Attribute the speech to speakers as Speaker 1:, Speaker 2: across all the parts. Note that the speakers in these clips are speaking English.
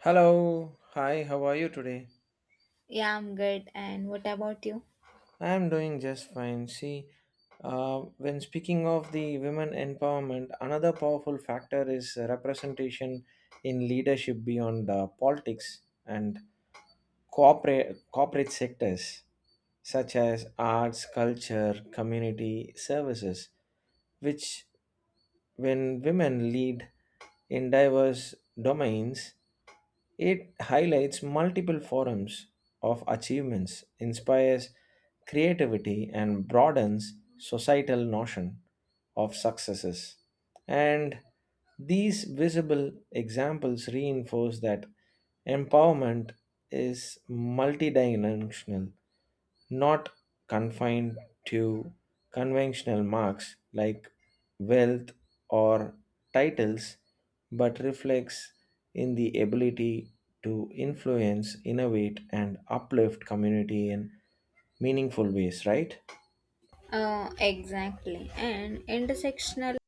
Speaker 1: Hello, hi, how are you today?
Speaker 2: Yeah, I'm good. And what about you?
Speaker 1: I am doing just fine. See, when speaking of the women empowerment, another powerful factor is representation in leadership beyond politics and corporate sectors such as arts, culture, community services, which, when women lead in diverse domains, it highlights multiple forms of achievements, inspires creativity, and broadens societal notion of successes. And these visible examples reinforce that empowerment is multidimensional, not confined to conventional marks like wealth or titles, but reflects in the ability to influence, innovate, and uplift community in meaningful ways, right?
Speaker 2: Exactly. And intersectional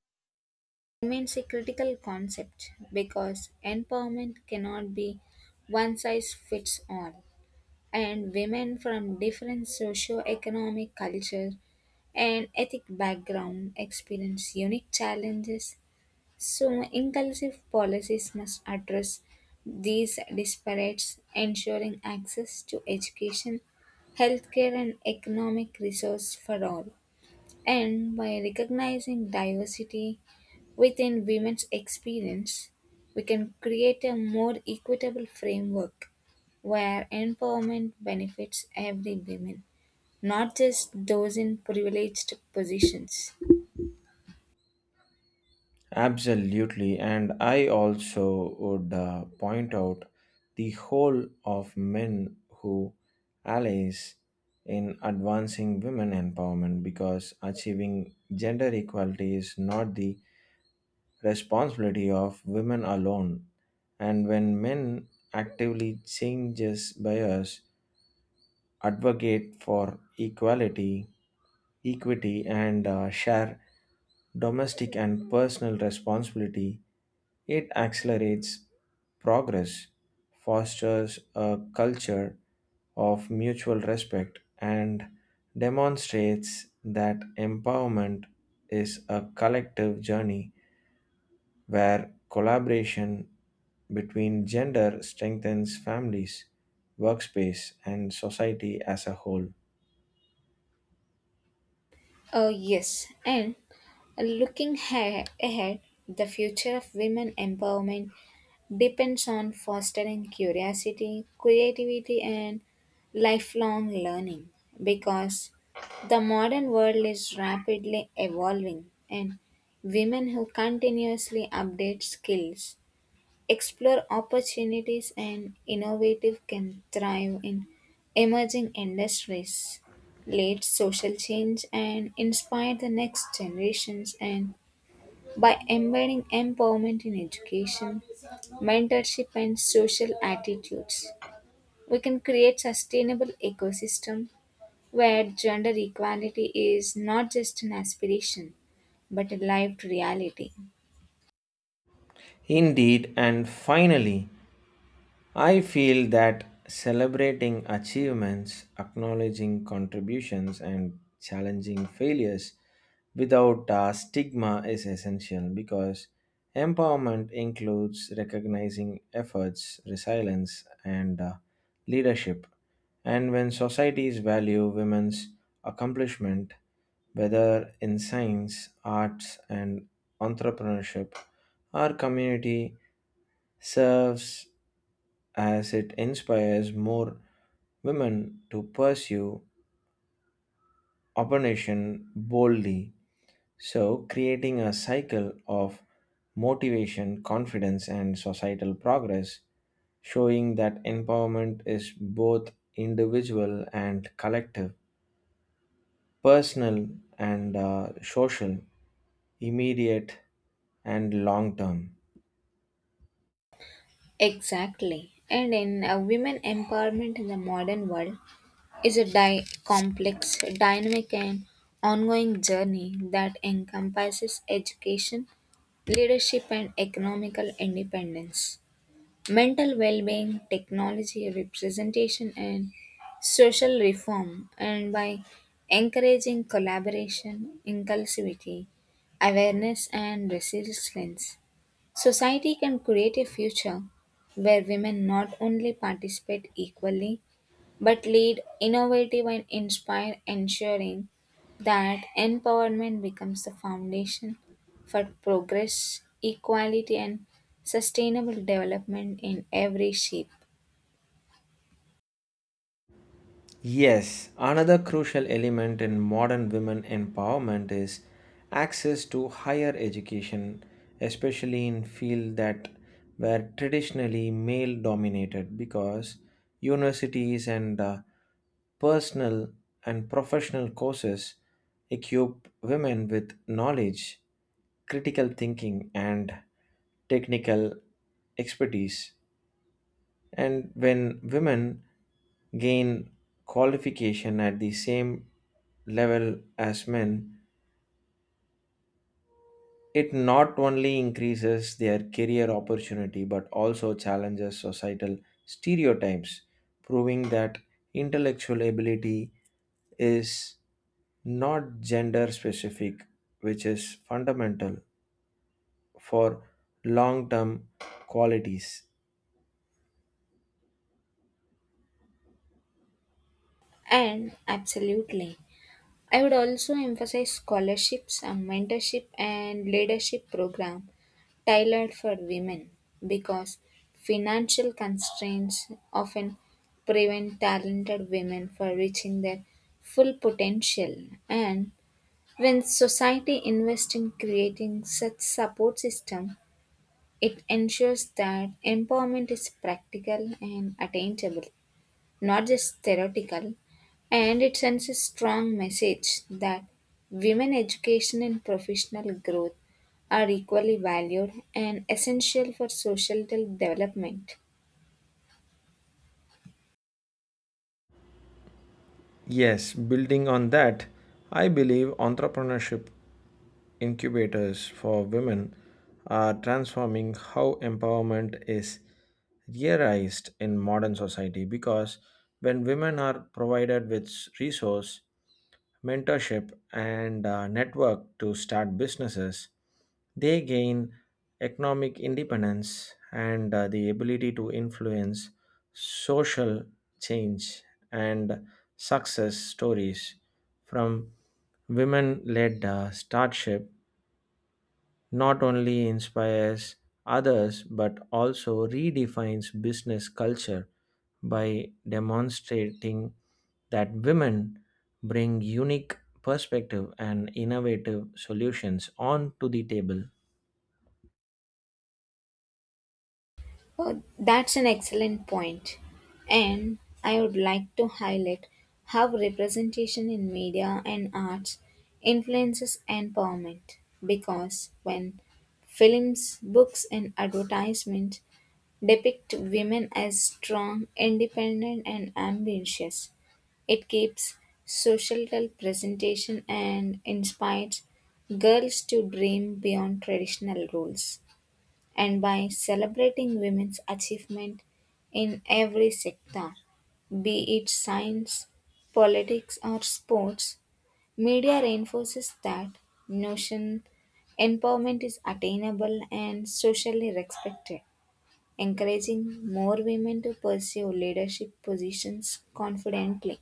Speaker 2: remains a critical concept because empowerment cannot be one size fits all. And women from different socio-economic culture and ethnic background experience unique challenges. So, inclusive policies must address these disparities, ensuring access to education, healthcare, and economic resource for all. And by recognizing diversity within women's experience, we can create a more equitable framework where empowerment benefits every woman, not just those in privileged positions.
Speaker 1: Absolutely, and I also would point out the whole of men who allies in advancing women empowerment because achieving gender equality is not the responsibility of women alone, and when men actively changes bias, advocate for equality, equity, and share domestic and personal responsibility, it accelerates progress, fosters a culture of mutual respect, and demonstrates that empowerment is a collective journey where collaboration between gender strengthens families, workspace, and society as a whole.
Speaker 2: Oh, yes, and looking ahead, the future of women empowerment depends on fostering curiosity, creativity, and lifelong learning because the modern world is rapidly evolving, and women who continuously update skills, explore opportunities, and innovative can thrive in emerging industries, lead social change, and inspire the next generations, and by embedding empowerment in education, mentorship, and social attitudes, we can create sustainable ecosystem where gender equality is not just an aspiration but a lived reality.
Speaker 1: Indeed, and finally, I feel that celebrating achievements, acknowledging contributions, and challenging failures without stigma is essential because empowerment includes recognizing efforts, resilience, and leadership. And when societies value women's accomplishment, whether in science, arts, and entrepreneurship, our community serves as it inspires more women to pursue opinionation boldly, so creating a cycle of motivation, confidence, and societal progress, showing that empowerment is both individual and collective, personal and social, immediate and long term.
Speaker 2: Exactly. And in women empowerment in the modern world is a complex, dynamic, and ongoing journey that encompasses education, leadership, and economical independence, mental well-being, technology representation, and social reform, and by encouraging collaboration, inclusivity, awareness, and resilience. Society can create a future where women not only participate equally but lead innovative and inspire, ensuring that empowerment becomes the foundation for progress equality and sustainable development in every shape.
Speaker 1: Yes, another crucial element in modern women empowerment is access to higher education, especially in fields that were traditionally male dominated, because universities and personal and professional courses equip women with knowledge, critical thinking and technical expertise, and when women gain qualification at the same level as men, it not only increases their career opportunity but also challenges societal stereotypes, proving that intellectual ability is not gender specific, which is fundamental for long term qualities.
Speaker 2: And absolutely, I would also emphasize scholarships, and mentorship, and leadership program tailored for women because financial constraints often prevent talented women from reaching their full potential. And when society invests in creating such support system, it ensures that empowerment is practical and attainable, not just theoretical, and it sends a strong message that women education and professional growth are equally valued and essential for societal development.
Speaker 1: Yes, building on that, I believe entrepreneurship incubators for women are transforming how empowerment is realized in modern society because when women are provided with resource, mentorship and network to start businesses, they gain economic independence and the ability to influence social change, and success stories from women led starship not only inspires others but also redefines business culture by demonstrating that women bring unique perspective and innovative solutions onto the table.
Speaker 2: Oh, that's an excellent point. And I would like to highlight how representation in media and arts influences empowerment. Because when films, books, and advertisements depict women as strong, independent, and ambitious. It keeps societal presentation and inspires girls to dream beyond traditional roles. And by celebrating women's achievement in every sector, be it science, politics, or sports, media reinforces that notion empowerment is attainable and socially respected, encouraging more women to pursue leadership positions confidently.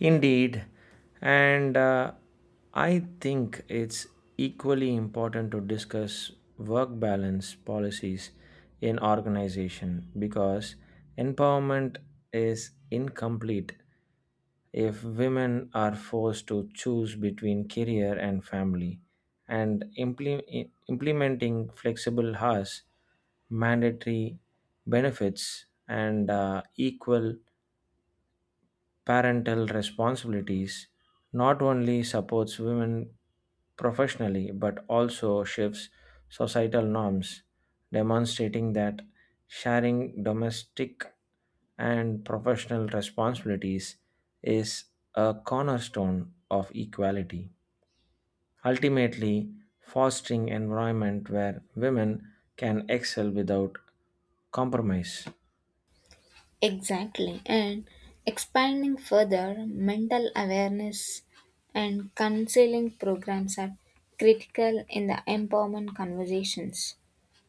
Speaker 1: Indeed, and I think it's equally important to discuss work balance policies in organization because empowerment is incomplete if women are forced to choose between career and family, and implementing flexible hours, mandatory benefits and equal parental responsibilities not only supports women professionally but also shifts societal norms, demonstrating that sharing domestic and professional responsibilities is a cornerstone of equality, ultimately fostering environment where women can excel without compromise.
Speaker 2: Exactly, and expanding further, mental awareness and counseling programs are critical in the empowerment conversations,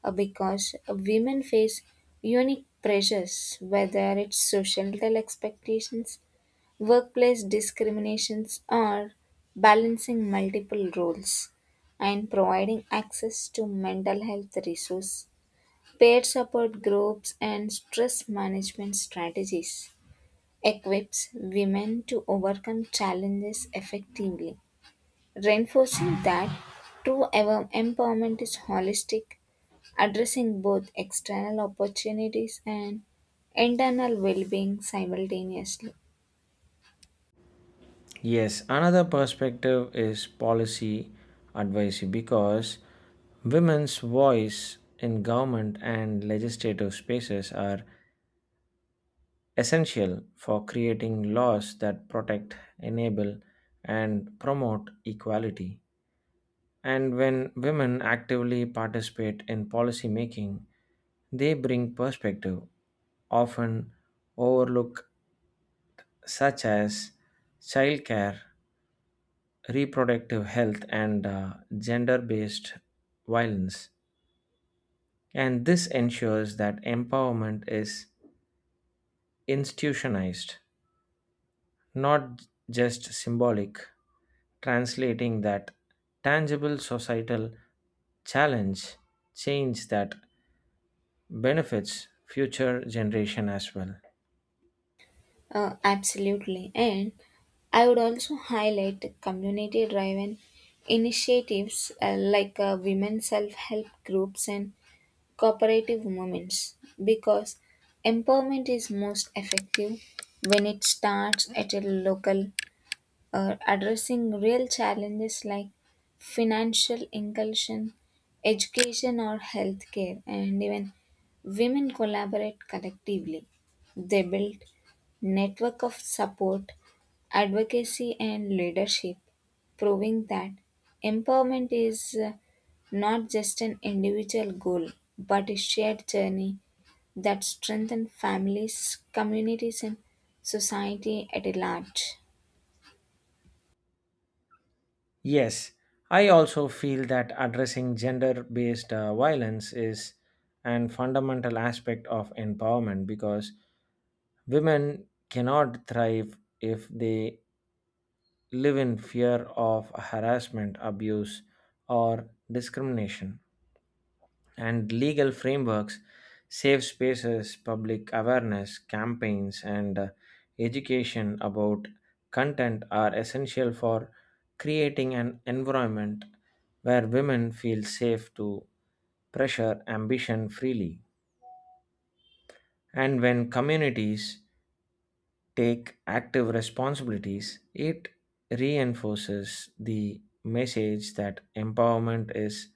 Speaker 2: because women face unique pressures, whether it's societal expectations, workplace discriminations are balancing multiple roles, and providing access to mental health resources, peer support groups, and stress management strategies. Equips women to overcome challenges effectively, reinforcing that true empowerment is holistic, addressing both external opportunities and internal well being simultaneously.
Speaker 1: Yes, another perspective is policy advocacy because women's voice in government and legislative spaces are essential for creating laws that protect, enable, and promote equality. And when women actively participate in policy making, they bring perspective, often overlooked, such as childcare, reproductive health and gender based violence. And this ensures that empowerment is institutionalized, not just symbolic, translating that tangible societal challenge change that benefits future generation as well.
Speaker 2: Absolutely. And I would also highlight community driven initiatives like women's self help groups and cooperative movements because empowerment is most effective when it starts at a local or addressing real challenges like financial inclusion, education, or healthcare. And even women collaborate collectively. They build network of support, advocacy, and leadership, proving that empowerment is not just an individual goal but a shared journey that strengthens families, communities, and society at large.
Speaker 1: Yes, I also feel that addressing gender based violence is an fundamental aspect of empowerment because women cannot thrive if they live in fear of harassment, abuse, or discrimination, and legal frameworks, safe spaces, public awareness campaigns, and education about content are essential for creating an environment where women feel safe to pressure ambition freely. And when communities take active responsibilities, it reinforces the message that empowerment is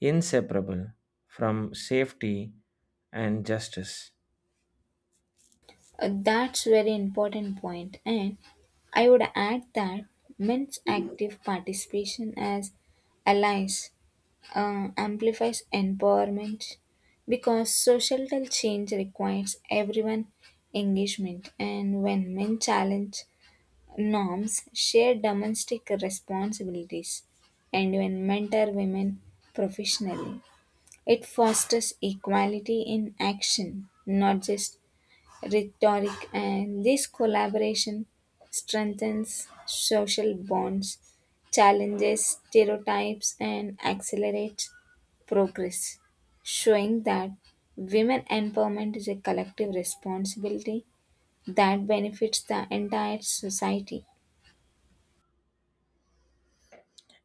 Speaker 1: inseparable from safety and justice.
Speaker 2: That's very important point, and I would add that men's active participation as allies amplifies empowerment because societal change requires everyone engagement, and when men challenge norms, share domestic responsibilities, and when mentor women professionally, it fosters equality in action, not just rhetoric, and this collaboration strengthens social bonds, challenges stereotypes, and accelerates progress, showing that women empowerment is a collective responsibility that benefits the entire society.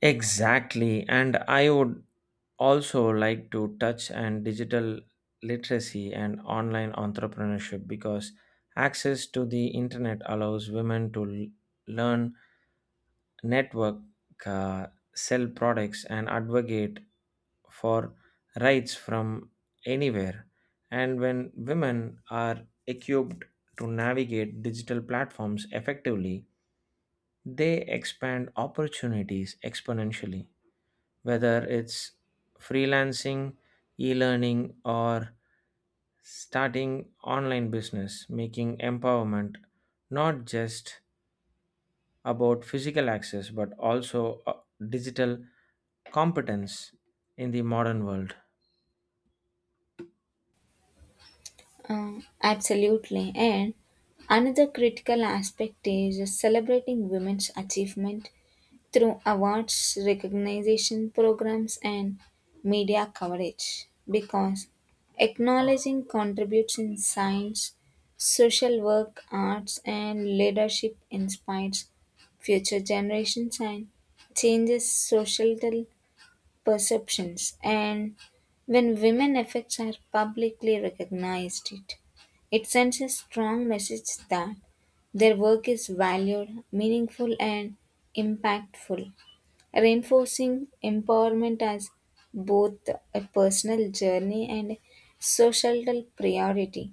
Speaker 1: Exactly. And I would also like to touch on digital literacy and online entrepreneurship because access to the internet allows women to learn, network, uh, sell products, and advocate for rights from anywhere. And when women are equipped to navigate digital platforms effectively, they expand opportunities exponentially. Whether it's freelancing, e learning, or starting online business, making empowerment not just about physical access but also digital competence in the modern world.
Speaker 2: Absolutely. And another critical aspect is celebrating women's achievement through awards, recognition programs, and media coverage because acknowledging contributes in science, social work, arts, and leadership inspires future generations and changes societal perceptions. And when women effects are publicly recognized, it sends a strong message that their work is valued, meaningful, and impactful, reinforcing empowerment as both a personal journey and societal priority.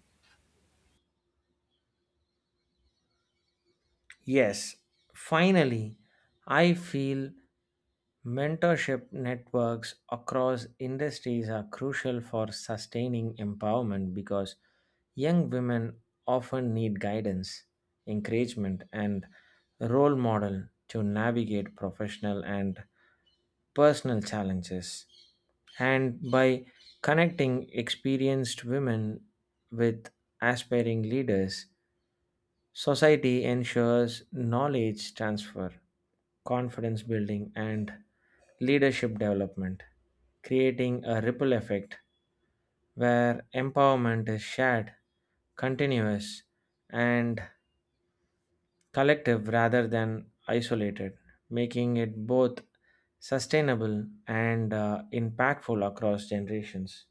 Speaker 1: Yes, finally, I feel mentorship networks across industries are crucial for sustaining empowerment because young women often need guidance, encouragement, and role model to navigate professional and personal challenges. And by connecting experienced women with aspiring leaders, society ensures knowledge transfer, confidence building, and leadership development, creating a ripple effect where empowerment is shared, continuous, and collective rather than isolated, making it both sustainable and impactful across generations.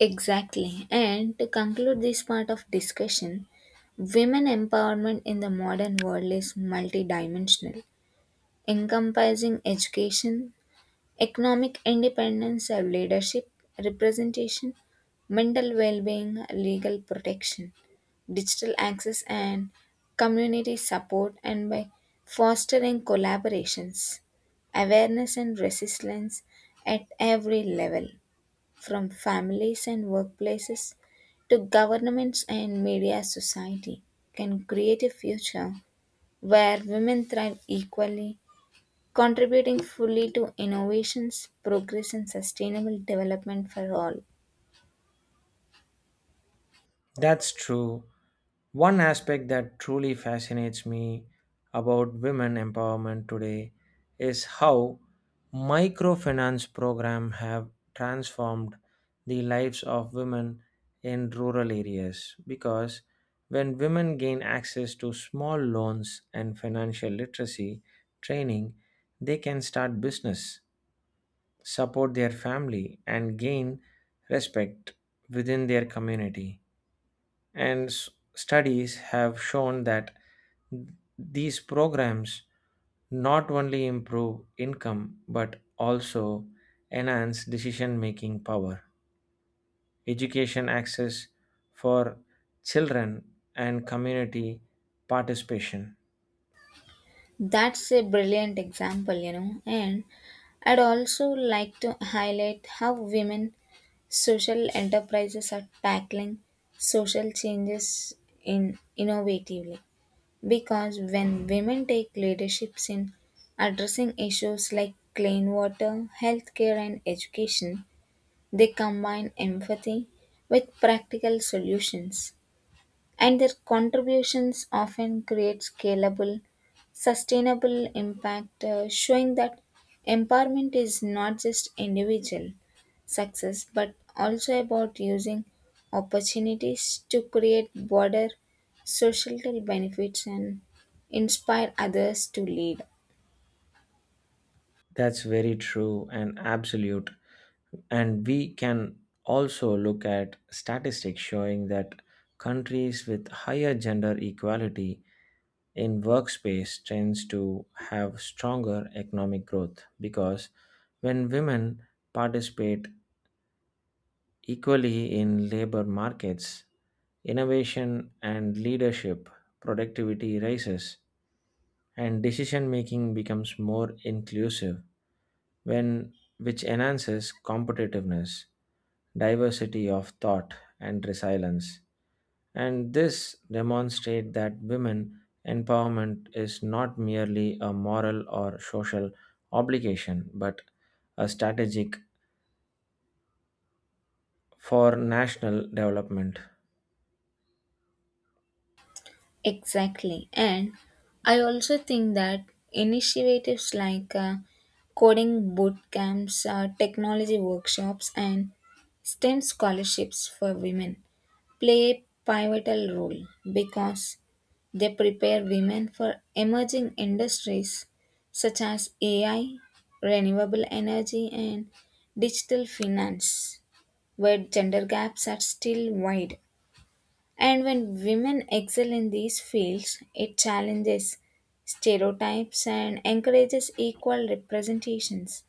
Speaker 2: Exactly. And to conclude this part of discussion, women empowerment in the modern world is multidimensional, encompassing education, economic independence of leadership, representation, mental well being, legal protection, digital access, and community support, and by fostering collaborations, awareness, and resilience at every level, from families and workplaces to governments and media society, can create a future where women thrive equally, contributing fully to innovations, progress, and sustainable development for all.
Speaker 1: That's true. One aspect that truly fascinates me about women empowerment today is how microfinance programs have transformed the lives of women in rural areas because when women gain access to small loans and financial literacy training, they can start business, support their family and gain respect within their community, and studies have shown that these programs not only improve income but also enhance decision making power, education access for children and community participation.
Speaker 2: That's a brilliant example, you know. And I'd also like to highlight how women social enterprises are tackling social changes in innovatively because when women take leaderships in addressing issues like clean water, healthcare and education, they combine empathy with practical solutions and their contributions often create scalable, sustainable impact, showing that empowerment is not just individual success but also about using opportunities to create broader societal benefits and inspire others to lead.
Speaker 1: That's very true and absolute, and we can also look at statistics showing that countries with higher gender equality in workspace tends to have stronger economic growth because when women participate equally in labor markets, innovation and leadership productivity rises and decision making becomes more inclusive, when which enhances competitiveness, diversity of thought and resilience. And this demonstrates that women empowerment is not merely a moral or social obligation but a strategic for national development.
Speaker 2: Exactly. And I also think that initiatives like coding boot camps, technology workshops, and STEM scholarships for women play a pivotal role because they prepare women for emerging industries such as AI, renewable energy, and digital finance, where gender gaps are still wide. And when women excel in these fields, it challenges stereotypes and encourages equal representations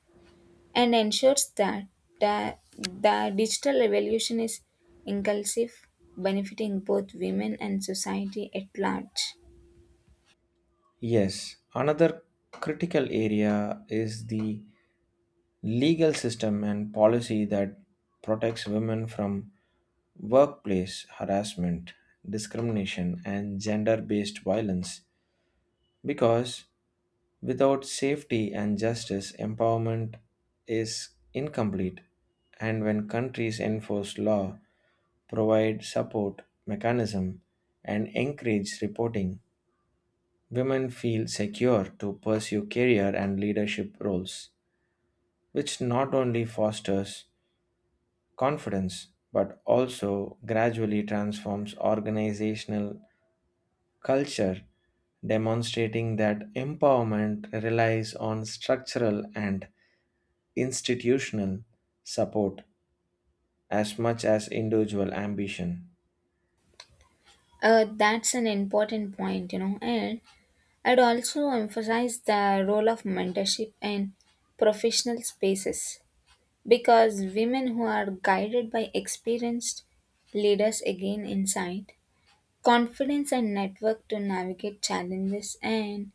Speaker 2: and ensures that the digital revolution is inclusive, benefiting both women and society at large.
Speaker 1: Yes, another critical area is the legal system and policy that protects women from workplace harassment, discrimination and gender based violence. Because without safety and justice, empowerment is incomplete. And when countries enforce law, provide support mechanism, and encourage reporting, women feel secure to pursue career and leadership roles, which not only fosters confidence but also gradually transforms organizational culture, demonstrating that empowerment relies on structural and institutional support as much as individual ambition.
Speaker 2: That's an important point, you know, and I'd also emphasize the role of mentorship and professional spaces. Because women who are guided by experienced leaders gain insight, confidence, and network to navigate challenges. And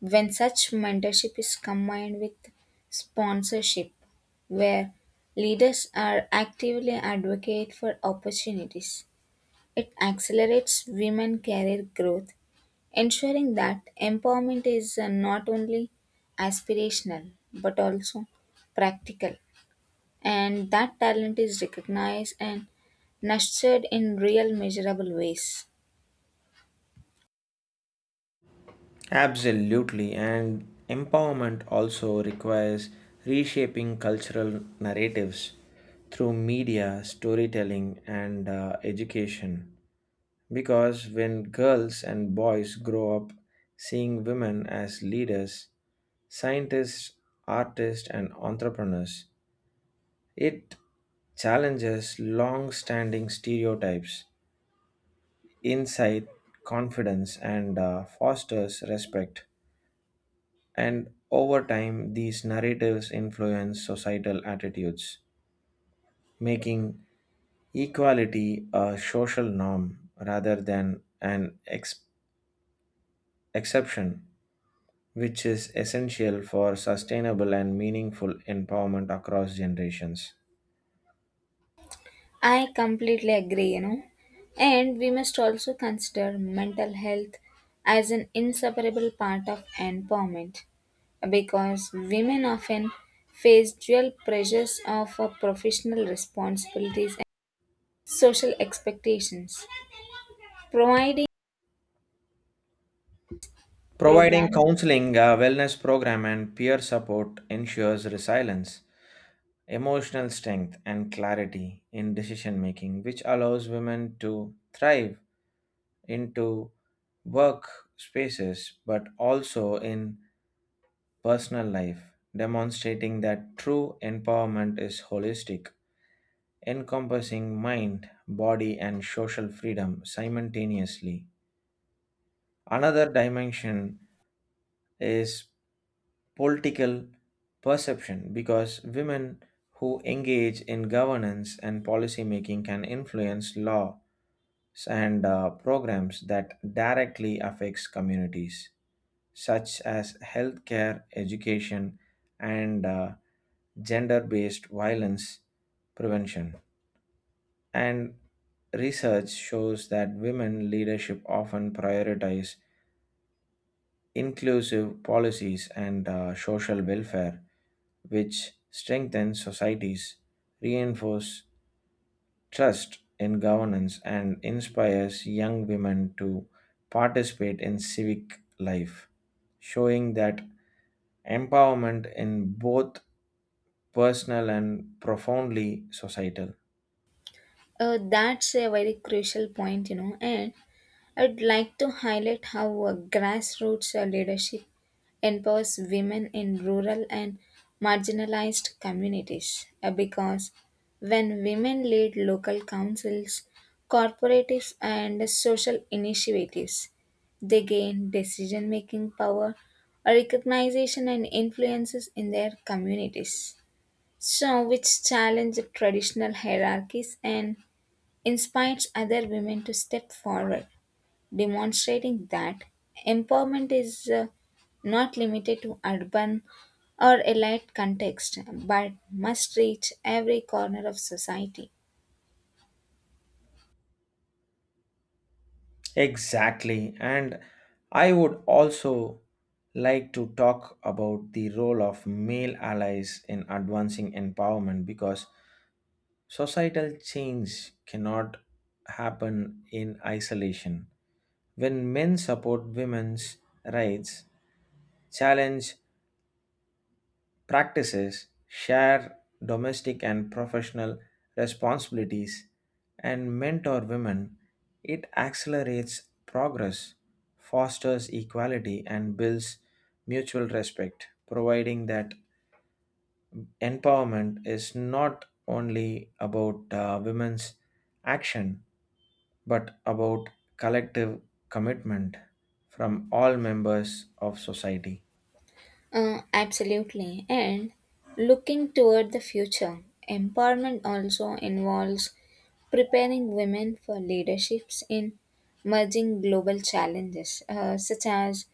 Speaker 2: when such mentorship is combined with sponsorship, where leaders are actively advocate for opportunities, it accelerates women career growth, ensuring that empowerment is not only aspirational but also practical, and that talent is recognized and nurtured in real measurable ways.
Speaker 1: Absolutely, and empowerment also requires reshaping cultural narratives through media, storytelling, and education. Because when girls and boys grow up seeing women as leaders, scientists, artists, and entrepreneurs, it challenges long standing stereotypes, insight, confidence, and fosters respect. And over time, these narratives influence societal attitudes, making equality a social norm rather than an exception, which is essential for sustainable and meaningful empowerment across generations.
Speaker 2: I completely agree, you know. And we must also consider mental health as an inseparable part of empowerment because women often face dual pressures of professional responsibilities and social expectations. Providing
Speaker 1: Providing
Speaker 2: program,
Speaker 1: counseling, a wellness program, and peer support ensures resilience, emotional strength, and clarity in decision making, which allows women to thrive into work spaces but also in personal life, demonstrating that true empowerment is holistic, encompassing mind, body, and social freedom simultaneously. Another dimension is political perception because women who engage in governance and policy making can influence laws and programs that directly affects communities such as healthcare, education and gender based violence prevention. And research shows that women leadership often prioritize inclusive policies and social welfare, which strengthen societies, reinforce trust in governance, and inspires young women to participate in civic life, showing that empowerment in both personal and profoundly societal.
Speaker 2: that's a very crucial point, you know, and I'd like to highlight how grassroots leadership empowers women in rural and marginalized communities, because when women lead local councils, corporatives, and social initiatives, they gain decision making power, recognition, and influences in their communities. So, which challenge traditional hierarchies and inspires other women to step forward, demonstrating that empowerment is not limited to urban or elite context but must reach every corner of society.
Speaker 1: Exactly. And I would also like to talk about the role of male allies in advancing empowerment because societal change cannot happen in isolation. When men support women's rights, challenge practices, share domestic and professional responsibilities and mentor women, it accelerates progress, fosters equality, and builds mutual respect, providing that empowerment is not only about women's action but about collective commitment from all members of society.
Speaker 2: Absolutely. And looking toward the future, empowerment also involves preparing women for leaderships in merging global challenges, such as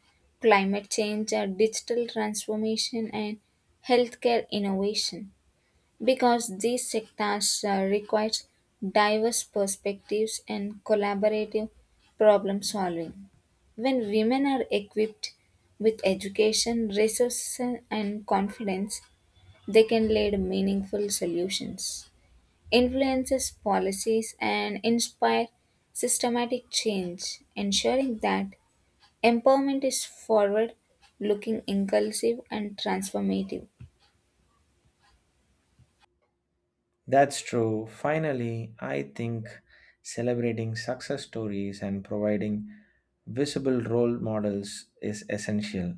Speaker 2: climate change, digital transformation, and healthcare innovation. Because these sectors requires diverse perspectives and collaborative problem solving. When women are equipped with education, resources, and confidence, they can lead meaningful solutions, influences policies, and inspire systematic change, ensuring that empowerment is forward looking, inclusive, and transformative.
Speaker 1: That's true. Finally, I think celebrating success stories and providing visible role models is essential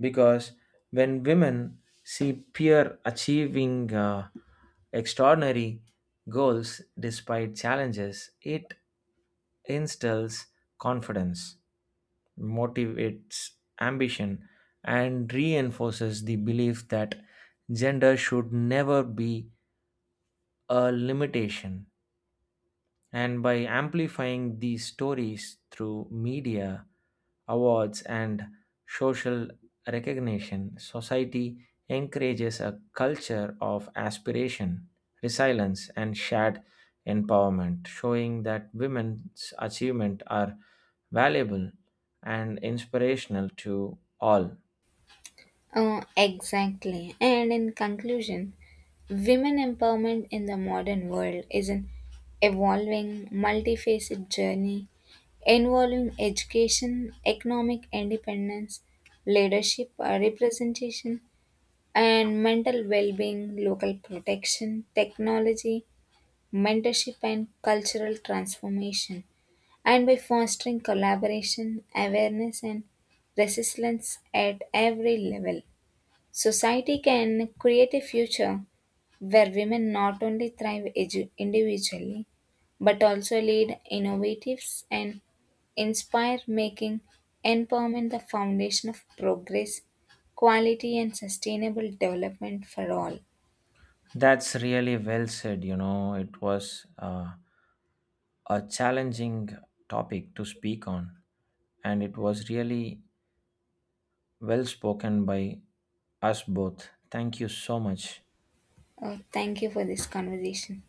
Speaker 1: because when women see peer achieving extraordinary goals despite challenges, it instills confidence, motivates ambition, and reinforces the belief that gender should never be a limitation. And by amplifying these stories through media, awards, and social recognition, society encourages a culture of aspiration, resilience, and shared empowerment, showing that women's achievements are valuable and inspirational to all.
Speaker 2: Oh, exactly. And in conclusion, women empowerment in the modern world is an evolving, multifaceted journey involving education, economic independence, leadership, representation, and mental well being, local protection, technology, mentorship, and cultural transformation. And by fostering collaboration, awareness, and resilience at every level. Society can create a future where women not only thrive individually but also lead innovatives and inspire, making empowerment the foundation of progress quality and sustainable development for all.
Speaker 1: That's really well said. You know, it was a challenging topic to speak on, and it was really well spoken by us both. Thank you so much.
Speaker 2: Thank you for this conversation.